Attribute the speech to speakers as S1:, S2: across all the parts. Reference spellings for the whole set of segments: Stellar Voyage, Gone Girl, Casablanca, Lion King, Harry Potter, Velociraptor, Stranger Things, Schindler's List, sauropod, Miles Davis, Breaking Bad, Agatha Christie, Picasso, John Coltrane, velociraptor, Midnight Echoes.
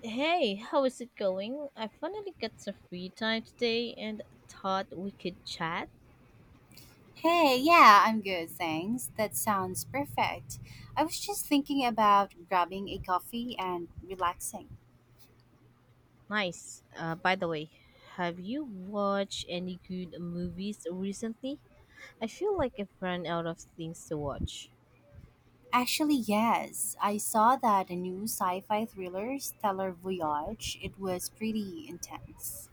S1: Hey, how is it going? I finally got some free time today and thought we could chat.
S2: Hey, yeah, I'm good, thanks. That sounds perfect. I was just thinking about grabbing a coffee and relaxing.
S1: Nice. By the way, have you watched any good movies recently? I feel like I've run out of things to watch.
S2: Actually, yes, I saw that a new sci fi thriller, Stellar Voyage. It was pretty intense.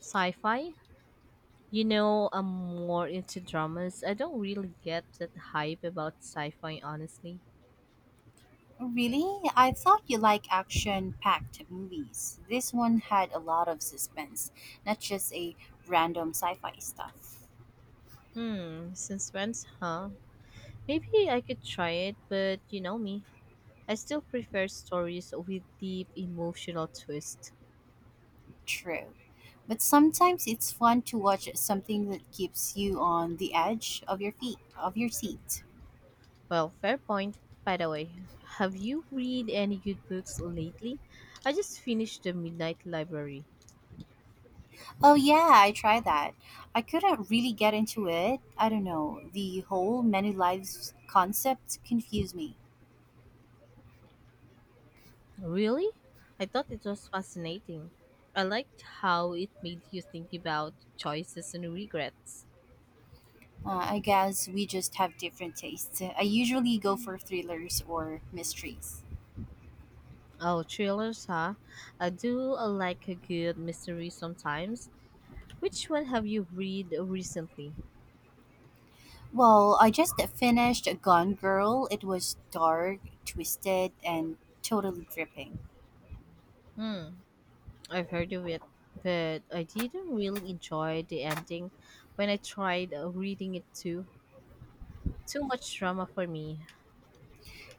S1: Sci fi? I'm more into dramas. I don't really get that hype about sci fi, honestly.
S2: Really? I thought you like action packed movies. This one had a lot of suspense, not just a random sci fi stuff.
S1: Since when, huh? Maybe I could try it, but you know me. I still prefer stories with deep emotional twist.
S2: True. But sometimes it's fun to watch something that keeps you on the edge of your feet, of your seat.
S1: Well, fair point. By the way, have you read any good books lately? I just finished The Midnight Library.
S2: Oh yeah, I tried that. I couldn't really get into it. I don't know. The whole many lives concept confused me.
S1: Really? I thought it was fascinating. I liked how it made you think about choices and regrets.
S2: I guess we just have different tastes. I usually go for thrillers or mysteries.
S1: Oh, thrillers, huh? I do like a good mystery sometimes. Which one have you read recently?
S2: Well, I just finished Gone Girl. It was dark, twisted, and totally gripping.
S1: Hmm. I've heard of it, but I didn't really enjoy the ending when I tried reading it too. Too much drama for me,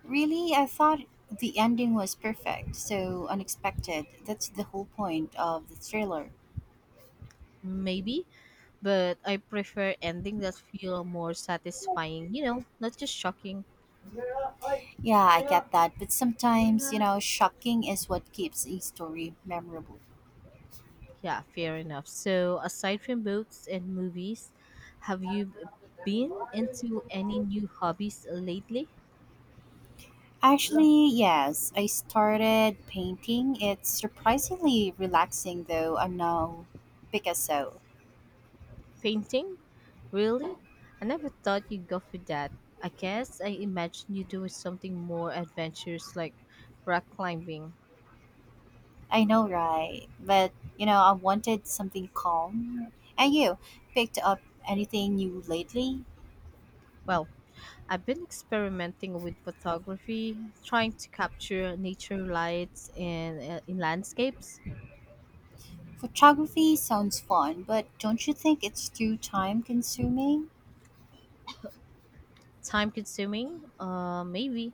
S2: Really, I thought the ending was perfect, so unexpected. That's the whole point of the thriller.
S1: maybe, but I prefer ending that feel more satisfying, not just shocking.
S2: Yeah, I get that, but sometimes, you know, shocking is what keeps a story memorable.
S1: Yeah, fair enough. So, aside from books and movies, have you been into any new hobbies lately?
S2: Actually, yes, I started painting. It's surprisingly relaxing, though I'm no Picasso.
S1: Painting? Really? I never thought you'd go for that. I guess I imagined you doing something more adventurous like rock climbing.
S2: I know, right? But, you know, I wanted something calm. And you, picked up anything new lately?
S1: Well, I've been experimenting with photography, trying to capture nature lights and in landscapes.
S2: Photography sounds fun, but don't you think it's too time consuming?
S1: Time consuming, maybe,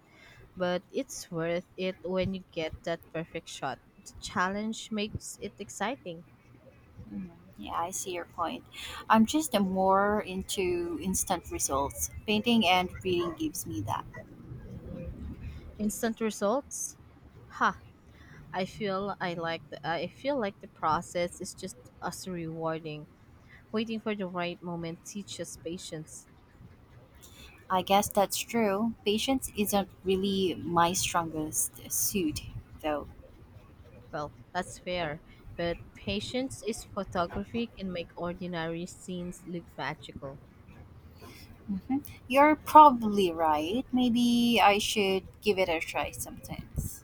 S1: but it's worth it when you get that perfect shot. The challenge makes it exciting.
S2: Mm, yeah, I see your point. I'm just more into instant results. Painting and reading gives me that.
S1: Instant results? Ha! I feel like the process is just as rewarding. Waiting for the right moment teaches patience.
S2: I guess that's true. Patience isn't really my strongest suit, though.
S1: Well, that's fair, but patience is photography can make ordinary scenes look magical.
S2: Hmm. You're probably right. Maybe I should give it a try sometimes.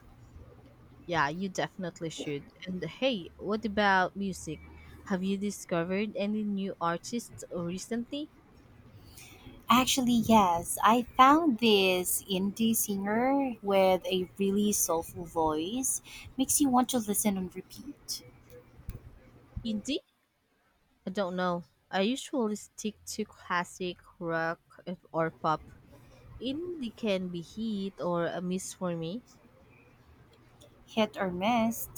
S1: Yeah, you definitely should. And hey, what about music? Have you discovered any new artists recently?
S2: Actually, yes. I found this indie singer with a really soulful voice. Makes you want to listen on repeat.
S1: Indie? I don't know. I usually stick to classic rock or pop. Indie can be heat or a miss for me.
S2: Hit or miss,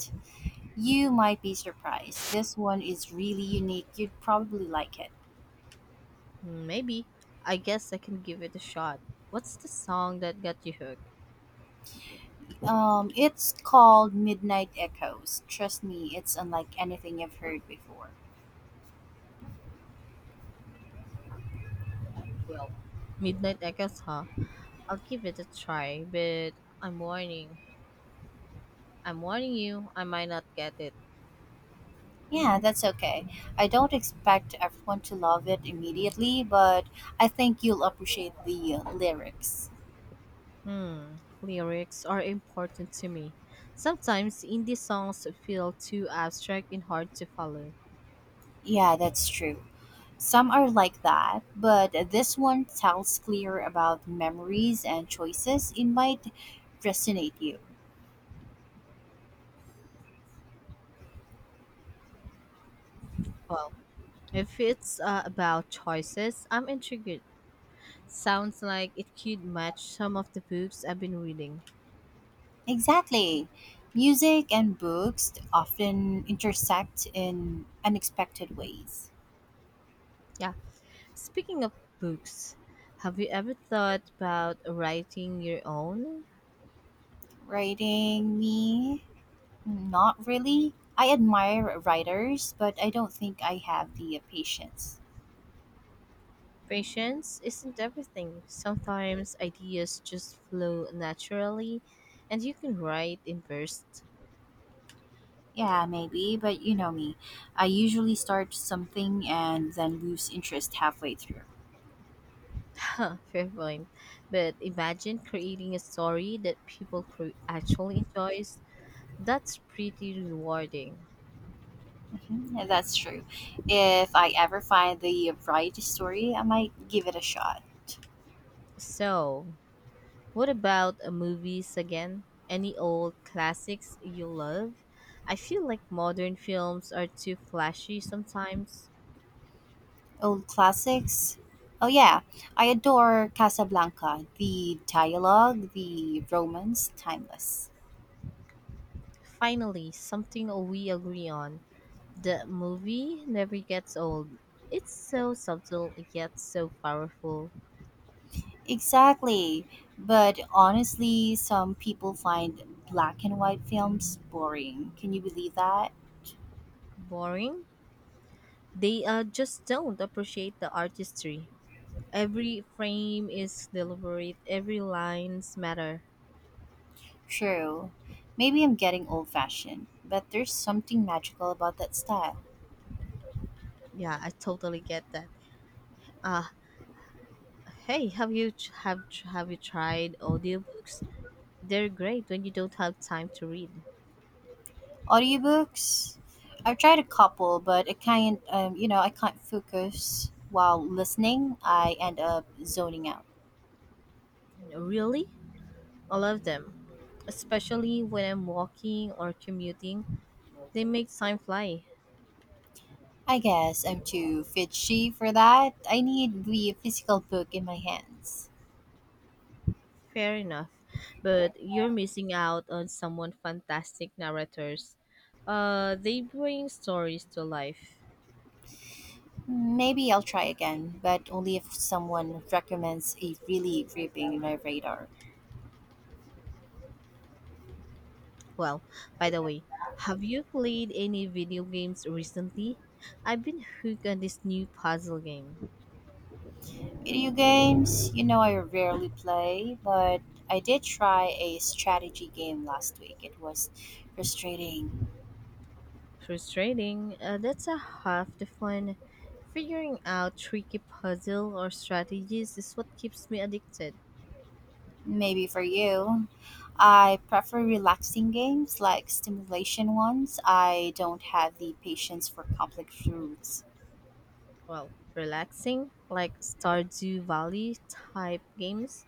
S2: you might be surprised. This one is really unique. You'd probably like it.
S1: Maybe. I guess I can give it a shot. What's the song that got you hooked?
S2: It's called Midnight Echoes. Trust me, it's unlike anything I've heard before.
S1: Well, Midnight Echoes, huh? I'll give it a try, but I'm warning. I'm warning you, I might not get it.
S2: Yeah, that's okay. I don't expect everyone to love it immediately, but I think you'll appreciate the lyrics.
S1: Hmm, Lyrics are important to me. Sometimes indie songs feel too abstract and hard to follow.
S2: Yeah, that's true. Some are like that, but this one tells clear about memories and choices. It might resonate you.
S1: Well, if it's about choices, I'm intrigued. Sounds like it could match some of the books I've been reading.
S2: Exactly. Music and books often intersect in unexpected ways.
S1: Yeah. Speaking of books, have you ever thought about writing your own?
S2: Writing me not really. I admire writers, but I don't think I have the patience.
S1: Patience isn't everything. Sometimes ideas just flow naturally and you can write in bursts.
S2: Yeah, maybe, but you know me. I usually start something and then lose interest halfway through.
S1: Huh, fair point. But imagine creating a story that people actually enjoys. That's pretty rewarding.
S2: Hmm, yeah, that's true. If I ever find the right story, I might give it a shot.
S1: So, what about movies again? Any old classics you love? I feel like modern films are too flashy sometimes.
S2: Old classics? Oh, yeah. I adore Casablanca. The dialogue, the romance, timeless.
S1: Finally, something we agree on. The movie never gets old. It's so subtle yet so powerful.
S2: Exactly. But honestly, some people find black and white films boring. Can you believe that?
S1: Boring? They just don't appreciate the artistry. Every frame is deliberate, every lines matter.
S2: True. Maybe I'm getting old fashioned, but there's something magical about that style.
S1: Yeah, I totally get that. Uh, Hey, have have you tried audiobooks? They're great when you don't have time to read.
S2: Audiobooks, I've tried a couple, but I can't. You know, I can't focus while listening. I end up zoning out.
S1: Really? I love them, especially when I'm walking or commuting. They make time fly.
S2: I guess I'm too fidgety for that. I need the physical book in my hands.
S1: Fair enough, but you're missing out on someone fantastic narrators. They bring stories to life.
S2: Maybe I'll try again, but only if someone recommends a really gripping my radar.
S1: Well, by the way, have you played any video games recently? I've been hooked on this new puzzle game.
S2: Video games, you know, I rarely play, but I did try a strategy game last week. It was frustrating.
S1: Frustrating, that's a half the fun. Figuring out tricky puzzle or strategies is what keeps me addicted.
S2: Maybe for you. I prefer relaxing games like stimulation ones. I don't have the patience for complex rules.
S1: Well, relaxing, like Stardew Valley type games,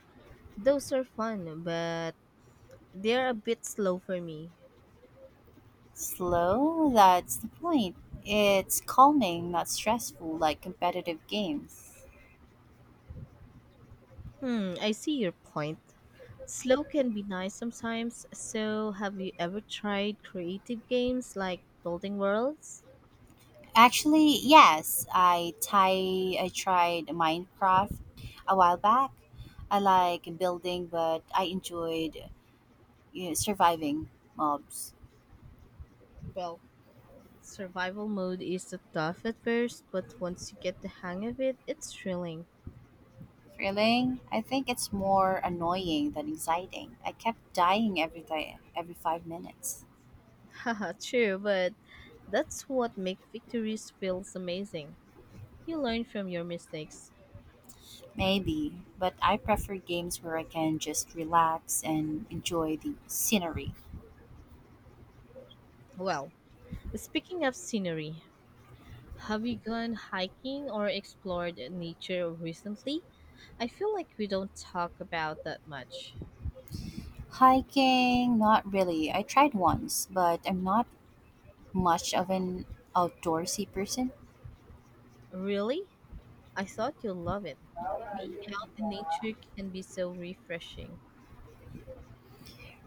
S1: those are fun, but they're a bit slow for me.
S2: Slow, that's the point. It's calming, not stressful like competitive games.
S1: I see your point. Slow can be nice sometimes, so have you ever tried creative games like building worlds?
S2: Actually, yes, I tried Minecraft a while back. I like building, but I enjoyed you know, surviving mobs.
S1: Well, Survival mode is tough at first, but once you get the hang of it, it's thrilling.
S2: Feeling. I think it's more annoying than exciting. I kept dying every day, every five minutes.
S1: Haha, true, but that's what makes victories feels amazing. You learn from your mistakes.
S2: Maybe, but I prefer games where I can just relax and enjoy the scenery.
S1: Well, speaking of scenery, have you gone hiking or explored nature recently? I feel like we don't talk about that much.
S2: Hiking, not really. I tried once, but I'm not much of an outdoorsy person.
S1: Really? I thought you'll love it. Being out in nature can be so refreshing.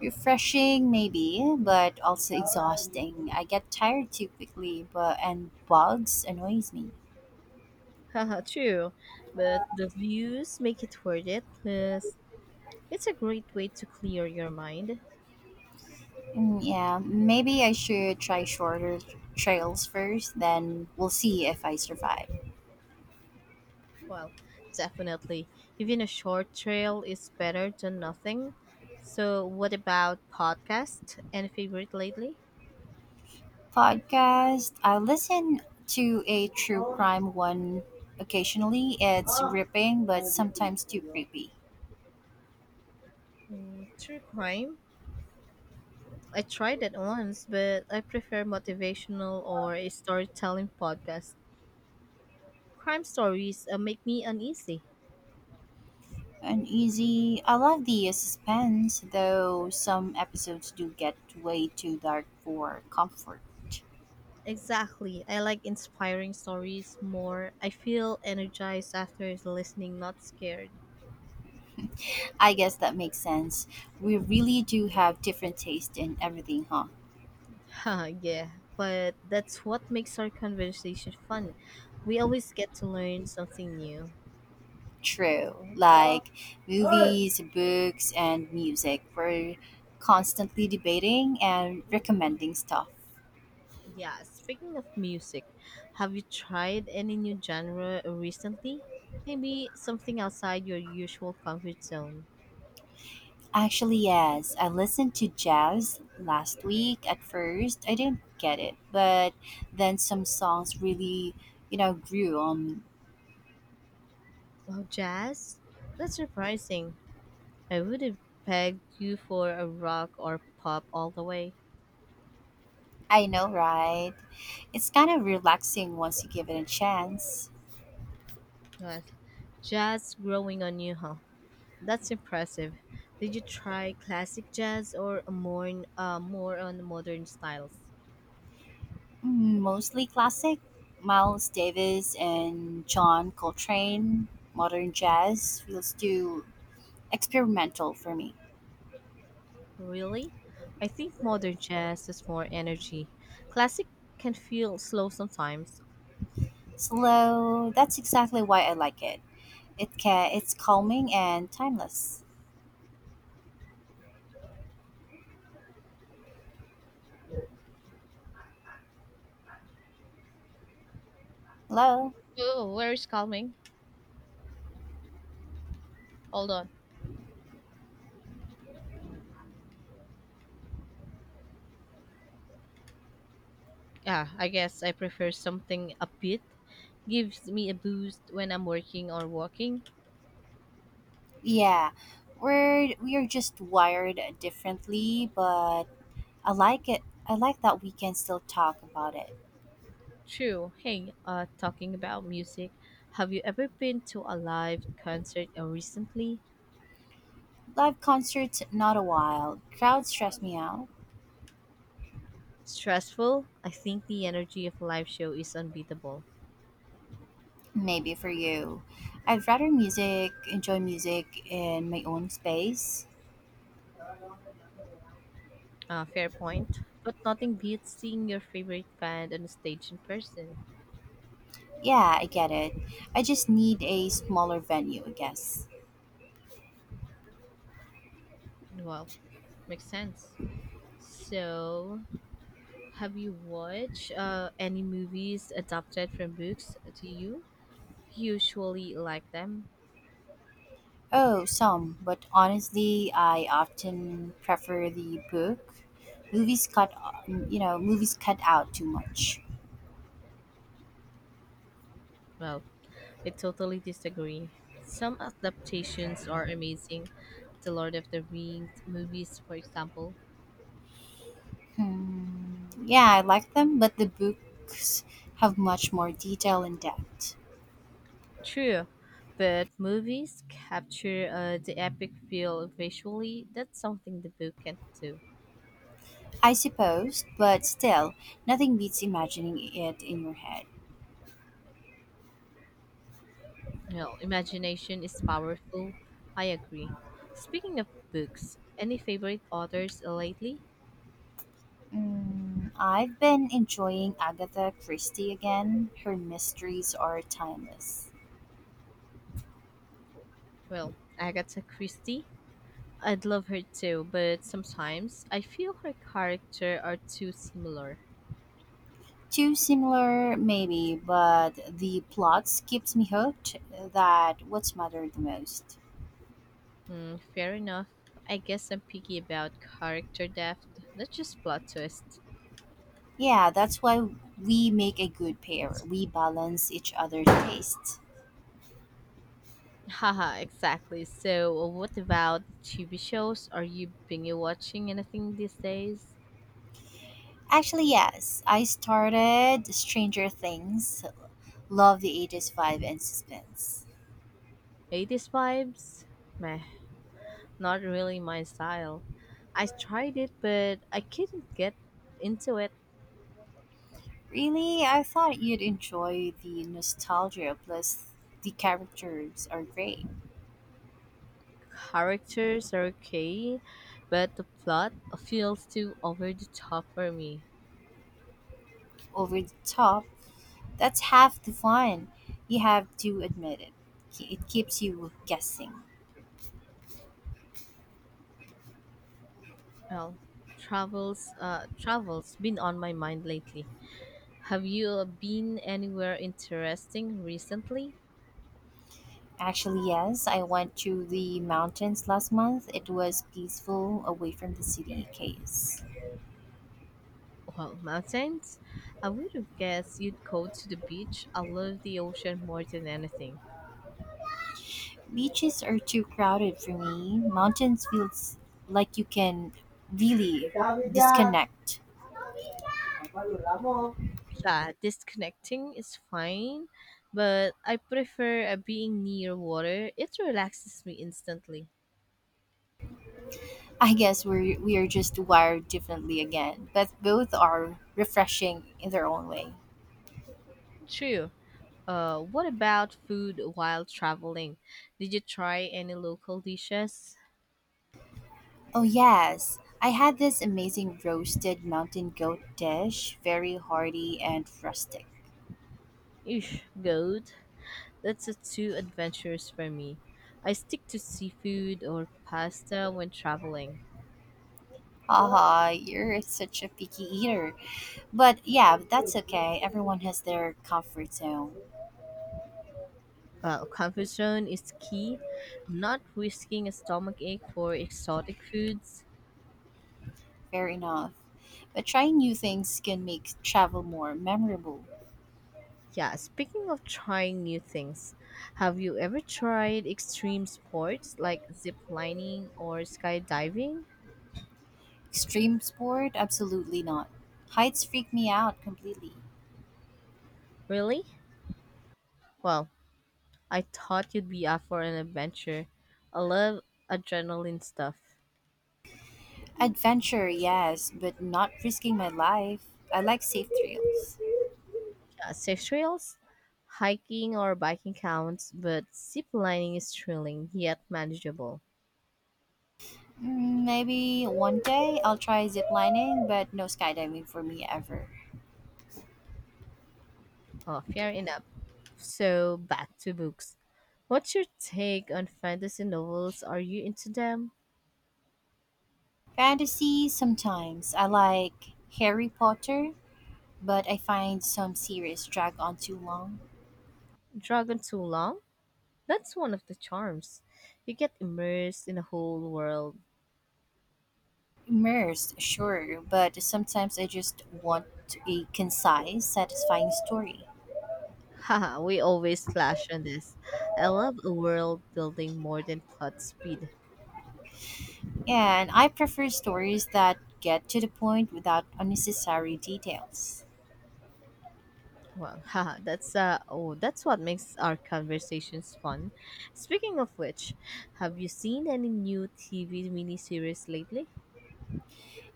S2: Refreshing, maybe, but also exhausting. I get tired too quickly, but and bugs annoys me.
S1: Haha, true. But the views make it worth it. Plus, it's a great way to clear your mind.
S2: Mm, yeah, maybe I should try shorter trails first, then we'll see if I survive.
S1: Well, definitely. Even a short trail is better than nothing. So, what about podcast? Any favorite lately?
S2: Podcast, I listen to a true crime one occasionally. It's ripping, but sometimes too creepy.
S1: True crime. I tried that once, but I prefer motivational or a storytelling podcast. Crime stories make me uneasy.
S2: Uneasy. I love the suspense, though some episodes do get way too dark for comfort.
S1: Exactly. I like inspiring stories more. I feel energized after listening, not scared.
S2: I guess that makes sense. We really do have different taste in everything, huh?
S1: Huh, yeah. But that's what makes our conversation fun. We always get to learn something new.
S2: True. Like movies, books, and music. We're constantly debating and recommending stuff.
S1: Yeah, speaking of music, have you tried any new genre recently? Maybe something outside your usual comfort zone.
S2: Actually, yes, I listened to jazz last week. At first, I didn't get it, but then some songs really, you know, grew on.
S1: Oh, jazz? That's surprising. I would have pegged you for a rock or pop all the way.
S2: I know, right? It's kind of relaxing once you give it a chance.
S1: Yes. Jazz growing on you, huh? That's impressive. Did you try classic jazz or more on modern styles?
S2: Mm, mostly classic, Miles Davis and John Coltrane. Modern jazz feels too experimental for me.
S1: Really? I think modern jazz has more energy. Classic can feel slow sometimes.
S2: Slow, that's exactly why I like it. It can it's calming and timeless. Hello?
S1: Oh, where is calming? Hold on. Yeah, I guess I prefer something upbeat. Gives me a boost when I'm working or walking.
S2: Yeah. We are just wired differently, but I like it. I like that we can still talk about it.
S1: True. Hey, talking about music, have you ever been to a live concert recently?
S2: Live concerts not a while. Crowds stress me out.
S1: Stressful? I think the energy of a live show is unbeatable.
S2: Maybe for you. I'd rather music enjoy music in my own space.
S1: Fair point. But nothing beats seeing your favorite band on stage in person.
S2: Yeah, I get it. I just need a smaller venue, I guess.
S1: Well, makes sense. So, have you watched any movies adapted from books? Do you usually like them?
S2: Oh, some, but honestly, I often prefer the book. Movies cut, Movies cut out too much.
S1: Well, I totally disagree. Some adaptations are amazing. The Lord of the Rings movies, for example.
S2: Hmm. Yeah, I like them, but the books have much more detail and depth.
S1: True, but movies capture the epic feel visually. That's something the book can't do.
S2: I suppose, but still, nothing beats imagining it in your head.
S1: No, imagination is powerful. I agree. Speaking of books, any favorite authors lately?
S2: Mm, I've been enjoying Agatha Christie again. Her mysteries are timeless.
S1: Well, Agatha Christie. I'd love her too, but sometimes I feel her character are too similar.
S2: Too similar, maybe, but the plots keeps me hooked. That what's mattered the most.
S1: Fair enough. I guess I'm picky about character depth, not just plot twist.
S2: Yeah, that's why we make a good pair. We balance each other's tastes.
S1: Haha, exactly. So, what about TV shows? Are you binge watching anything these days?
S2: Actually, yes, I started Stranger Things. Love the 80s vibe and suspense.
S1: 80s vibes? Meh, not really my style. I tried it, but I couldn't get into it.
S2: Really, I thought you'd enjoy the nostalgia. Plus, the characters are great,
S1: Characters are okay, but the plot feels too over the top for me.
S2: over the top, that's half the fun. You have to admit it. It keeps you guessing.
S1: Well, travels been on my mind lately. Have you been anywhere interesting recently?
S2: Actually, yes, I went to the mountains last month. It was peaceful away from the city case.
S1: Well, mountains? I would have guessed you'd go to the beach. I love the ocean more than anything.
S2: Beaches are too crowded for me. Mountains feels like you can really disconnect.
S1: Yeah, disconnecting is fine, but I prefer being near water. It relaxes me instantly.
S2: I guess we are just wired differently again, but both are refreshing in their own way.
S1: True. What about food while traveling? Did you try any local dishes?
S2: Oh, yes. I had this amazing roasted mountain goat dish, very hearty and rustic.
S1: Eesh, goat. That's too adventurous for me. I stick to seafood or pasta when traveling.
S2: Haha, you're such a picky eater. But yeah, that's okay. Everyone has their comfort zone.
S1: Comfort zone is key, not risking a stomach ache for exotic foods.
S2: Fair enough. But trying new things can make travel more memorable.
S1: Yeah, speaking of trying new things, have you ever tried extreme sports like zip lining or skydiving?
S2: Extreme sport? Absolutely not. Heights freak me out completely.
S1: Really? Well, I thought you'd be up for an adventure. I love adrenaline stuff.
S2: Adventure, yes, but not risking my life. I like safe thrills.
S1: Yeah, safe trails, hiking or biking counts, but zip lining is thrilling yet manageable.
S2: Mm, maybe one day I'll try ziplining, but no skydiving for me ever.
S1: Oh, fair enough. So back to books. What's your take on fantasy novels? Are you into them?
S2: Fantasy sometimes. I like Harry Potter, but I find some series drag on too long.
S1: Dragon Too Long? That's one of the charms. You get immersed in a whole world.
S2: Immersed, sure, but sometimes I just want a concise, satisfying story.
S1: Haha, we always clash on this. I love a world building more than plot speed.
S2: Yeah, and I prefer stories that get to the point without unnecessary details.
S1: Well, haha, that's what makes our conversations fun. Speaking of which, have you seen any new TV miniseries lately?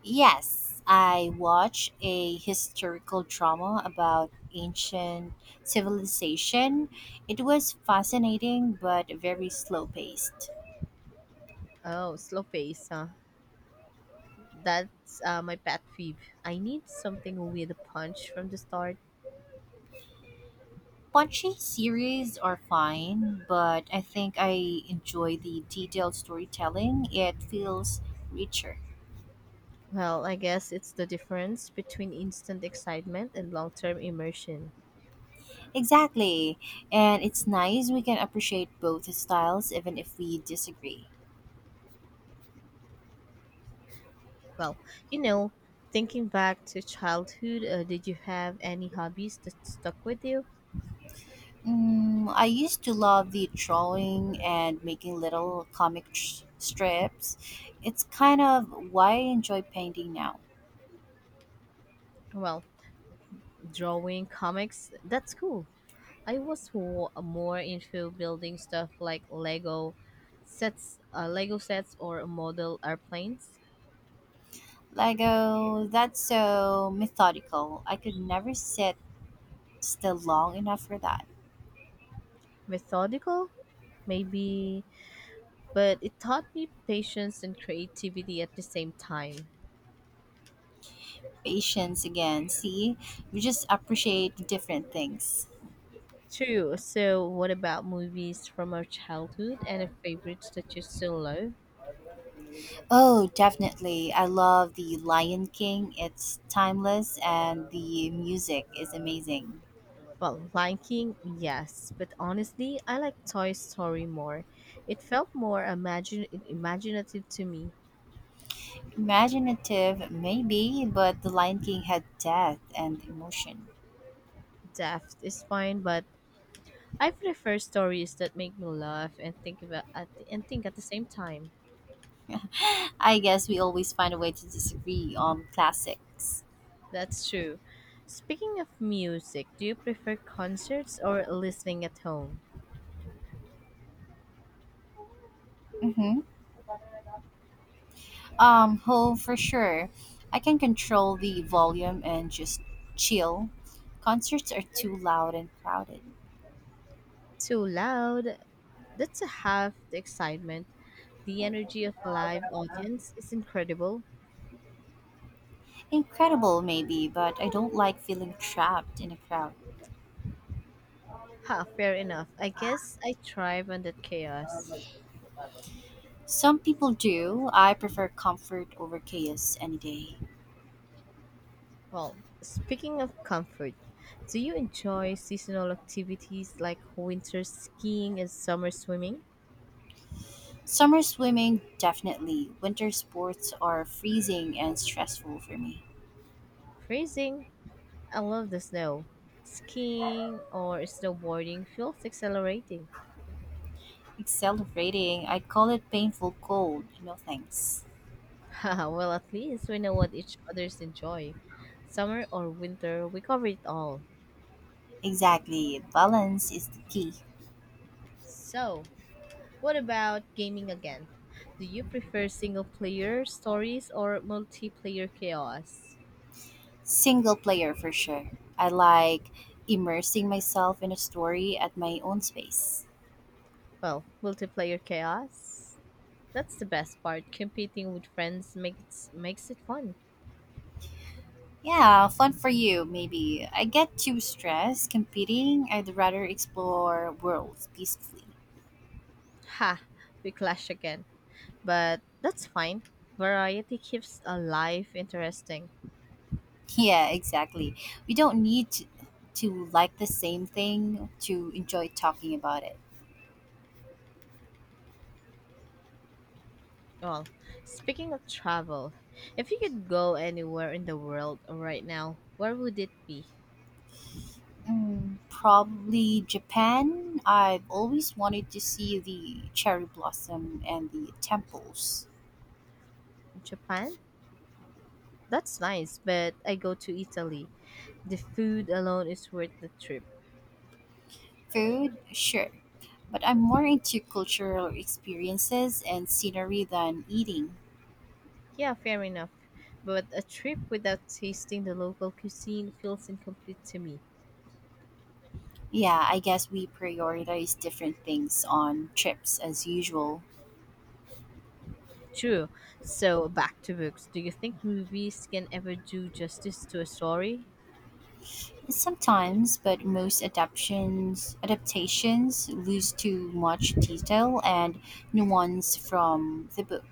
S2: Yes, I watched a historical drama about ancient civilization. It was fascinating but very slow paced.
S1: Oh, slow pace, huh? That's my pet peeve. I need something with a punch from the start.
S2: Punchy series are fine, but I think I enjoy the detailed storytelling. It feels richer.
S1: Well, I guess it's the difference between instant excitement and long term immersion.
S2: Exactly. And it's nice we can appreciate both styles even if we disagree.
S1: Well, you know, thinking back to childhood, did you have any hobbies that stuck with you?
S2: Mm, I used to love the drawing and making little strips. It's kind of why I enjoy painting now.
S1: Well, drawing, comics, that's cool. I was more into building stuff like Lego sets or model airplanes.
S2: Lego, that's so methodical. I could never sit still long enough for that.
S1: Methodical, maybe but it taught me patience and creativity at the same time.
S2: Patience again, see? We just appreciate different things.
S1: True. So, what about movies from our childhood and the favorites that you still love?
S2: Oh, definitely. I love the Lion King. It's timeless and the music is amazing.
S1: Well, Lion King, yes, but honestly, I like Toy Story more. It felt more imagine imaginative to me.
S2: Imaginative, maybe, but The Lion King had death and emotion.
S1: Depth is fine, but I prefer stories that make me laugh and think about at the, and think at the same time.
S2: I guess we always find a way to disagree on classics.
S1: That's true. Speaking of music, do you prefer concerts or listening at home?
S2: hmm oh, for sure. I can control the volume and just chill. Concerts are too loud and crowded.
S1: Too loud. That's half the excitement. The energy of a live audience is incredible.
S2: Incredible, maybe, but I don't like feeling trapped in a crowd.
S1: Ha, fair enough. I guess I thrive on that chaos.
S2: Some people do. I prefer comfort over chaos any day.
S1: Well, speaking of comfort, do you enjoy seasonal activities like winter skiing and summer swimming?
S2: Summer swimming, definitely. Winter sports are freezing and stressful for me.
S1: Freezing? I love the snow. Skiing or snowboarding feels exhilarating.
S2: Accelerating, I call it painful cold. No thanks.
S1: Haha, well, at least we know what each others enjoy. Summer or winter, we cover it all.
S2: Exactly. Balance is the key.
S1: So, what about gaming again? Do you prefer single player stories or multiplayer chaos?
S2: Single player for sure. I like immersing myself in a story at my own space.
S1: Well, multiplayer chaos. That's the best part. Competing with friends makes it fun.
S2: Yeah, fun for you, maybe. I get too stressed competing. I'd rather explore worlds peacefully.
S1: Ha, we clash again. But that's fine. Variety keeps a life interesting.
S2: Yeah, exactly. We don't need to like the same thing to enjoy talking about it.
S1: Well, speaking of travel, if you could go anywhere in the world right now, where would it be?
S2: Mm, probably Japan. I've always wanted to see the cherry blossom and the temples.
S1: Japan? That's nice, but I go to Italy. The food alone is worth the trip.
S2: Food, sure, but I'm more into cultural experiences and scenery than eating.
S1: Yeah, fair enough. But a trip without tasting the local cuisine feels incomplete to me.
S2: Yeah, I guess we prioritize different things on trips as usual.
S1: True. So, back to books. Do you think movies can ever do justice to a story?
S2: Sometimes, but most adaptations lose too much detail and nuance from the book.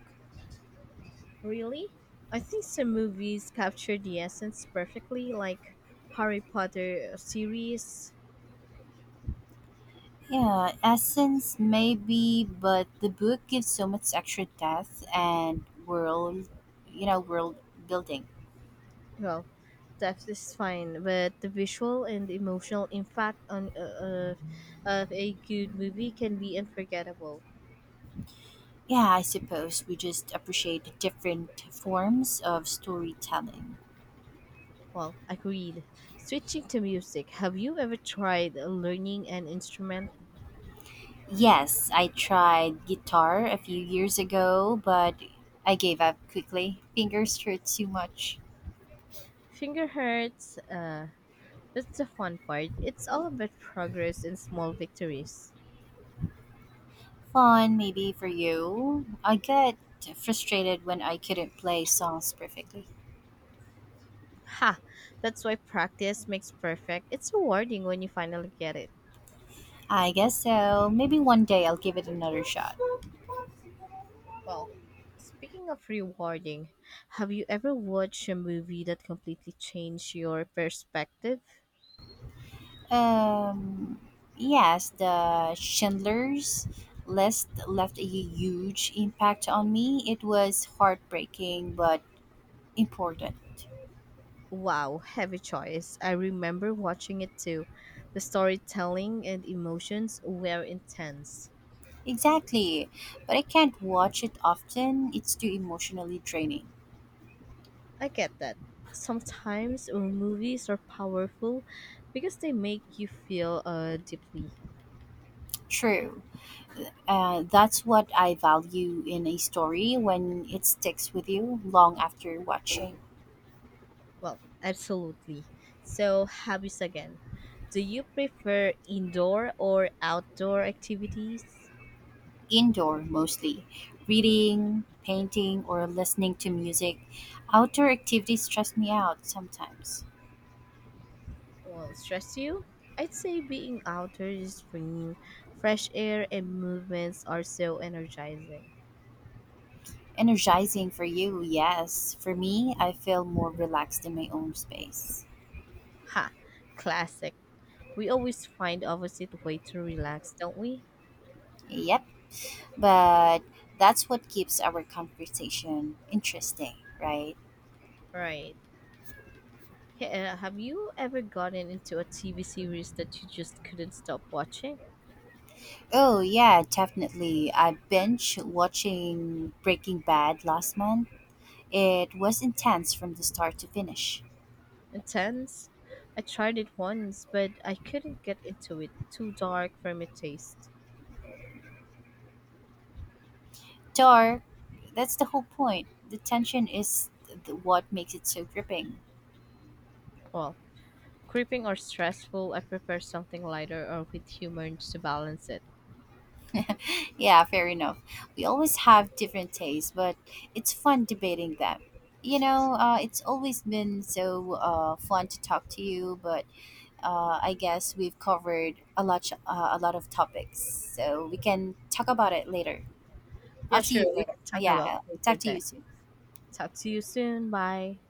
S1: Really? I think some movies capture the essence perfectly, like Harry Potter series.
S2: Yeah, essence maybe, but the book gives so much extra depth and world, you know, world building.
S1: Well, that is fine, but the visual and emotional impact on of a good movie can be unforgettable.
S2: Yeah, I suppose we just appreciate different forms of storytelling.
S1: Well, agreed. Switching to music, have you ever tried learning an instrument?
S2: Yes, I tried guitar a few years ago, but I gave up quickly. Fingers hurt too much.
S1: Finger hurts. That's the fun part. It's all about progress and small victories.
S2: Fun, maybe for you. I get frustrated when I couldn't play songs perfectly.
S1: Ha! That's why practice makes perfect. It's rewarding when you finally get it.
S2: I guess so. Maybe one day I'll give it another shot.
S1: Well, speaking of rewarding, have you ever watched a movie that completely changed your perspective?
S2: Um, yes, the Schindler's List left a huge impact on me. It was heartbreaking but important.
S1: Wow, heavy choice. I remember watching it too. The storytelling and emotions were intense.
S2: Exactly, but I can't watch it often. It's too emotionally draining.
S1: I get that. Sometimes movies are powerful because they make you feel deeply.
S2: True. That's what I value in a story when it sticks with you long after watching.
S1: Well, absolutely. So, hobbies again. Do you prefer indoor or outdoor activities?
S2: Indoor mostly, reading, painting, or listening to music. Outdoor activities stress me out sometimes.
S1: Well, stress you? I'd say being outdoors is bringing fresh air and movements are so energizing.
S2: Energizing for you, yes. For me, I feel more relaxed in my own space.
S1: Ha, classic. We always find opposite way to relax, don't we?
S2: Yep, but that's what keeps our conversation interesting, right?
S1: Right. Have you ever gotten into a TV series that you just couldn't stop watching?
S2: Oh, yeah, definitely. I binge watching Breaking Bad last month. It was intense from the start to finish.
S1: Intense? I tried it once, but I couldn't get into it. Too dark for my taste.
S2: Dark. That's the whole point. The tension is th- What makes it so gripping.
S1: Well, creeping or stressful, I prefer something lighter or with humor to balance it.
S2: Yeah, fair enough. We always have different tastes, but it's fun debating them. You know, it's always been so fun to talk to you, but I guess we've covered a lot of topics, so we can talk about it later.
S1: Yeah,
S2: I'll see
S1: sure.
S2: you
S1: We
S2: later.
S1: can talk
S2: Yeah,
S1: about
S2: I'll talk
S1: later
S2: to
S1: then.
S2: you soon.
S1: Talk to you soon. Bye.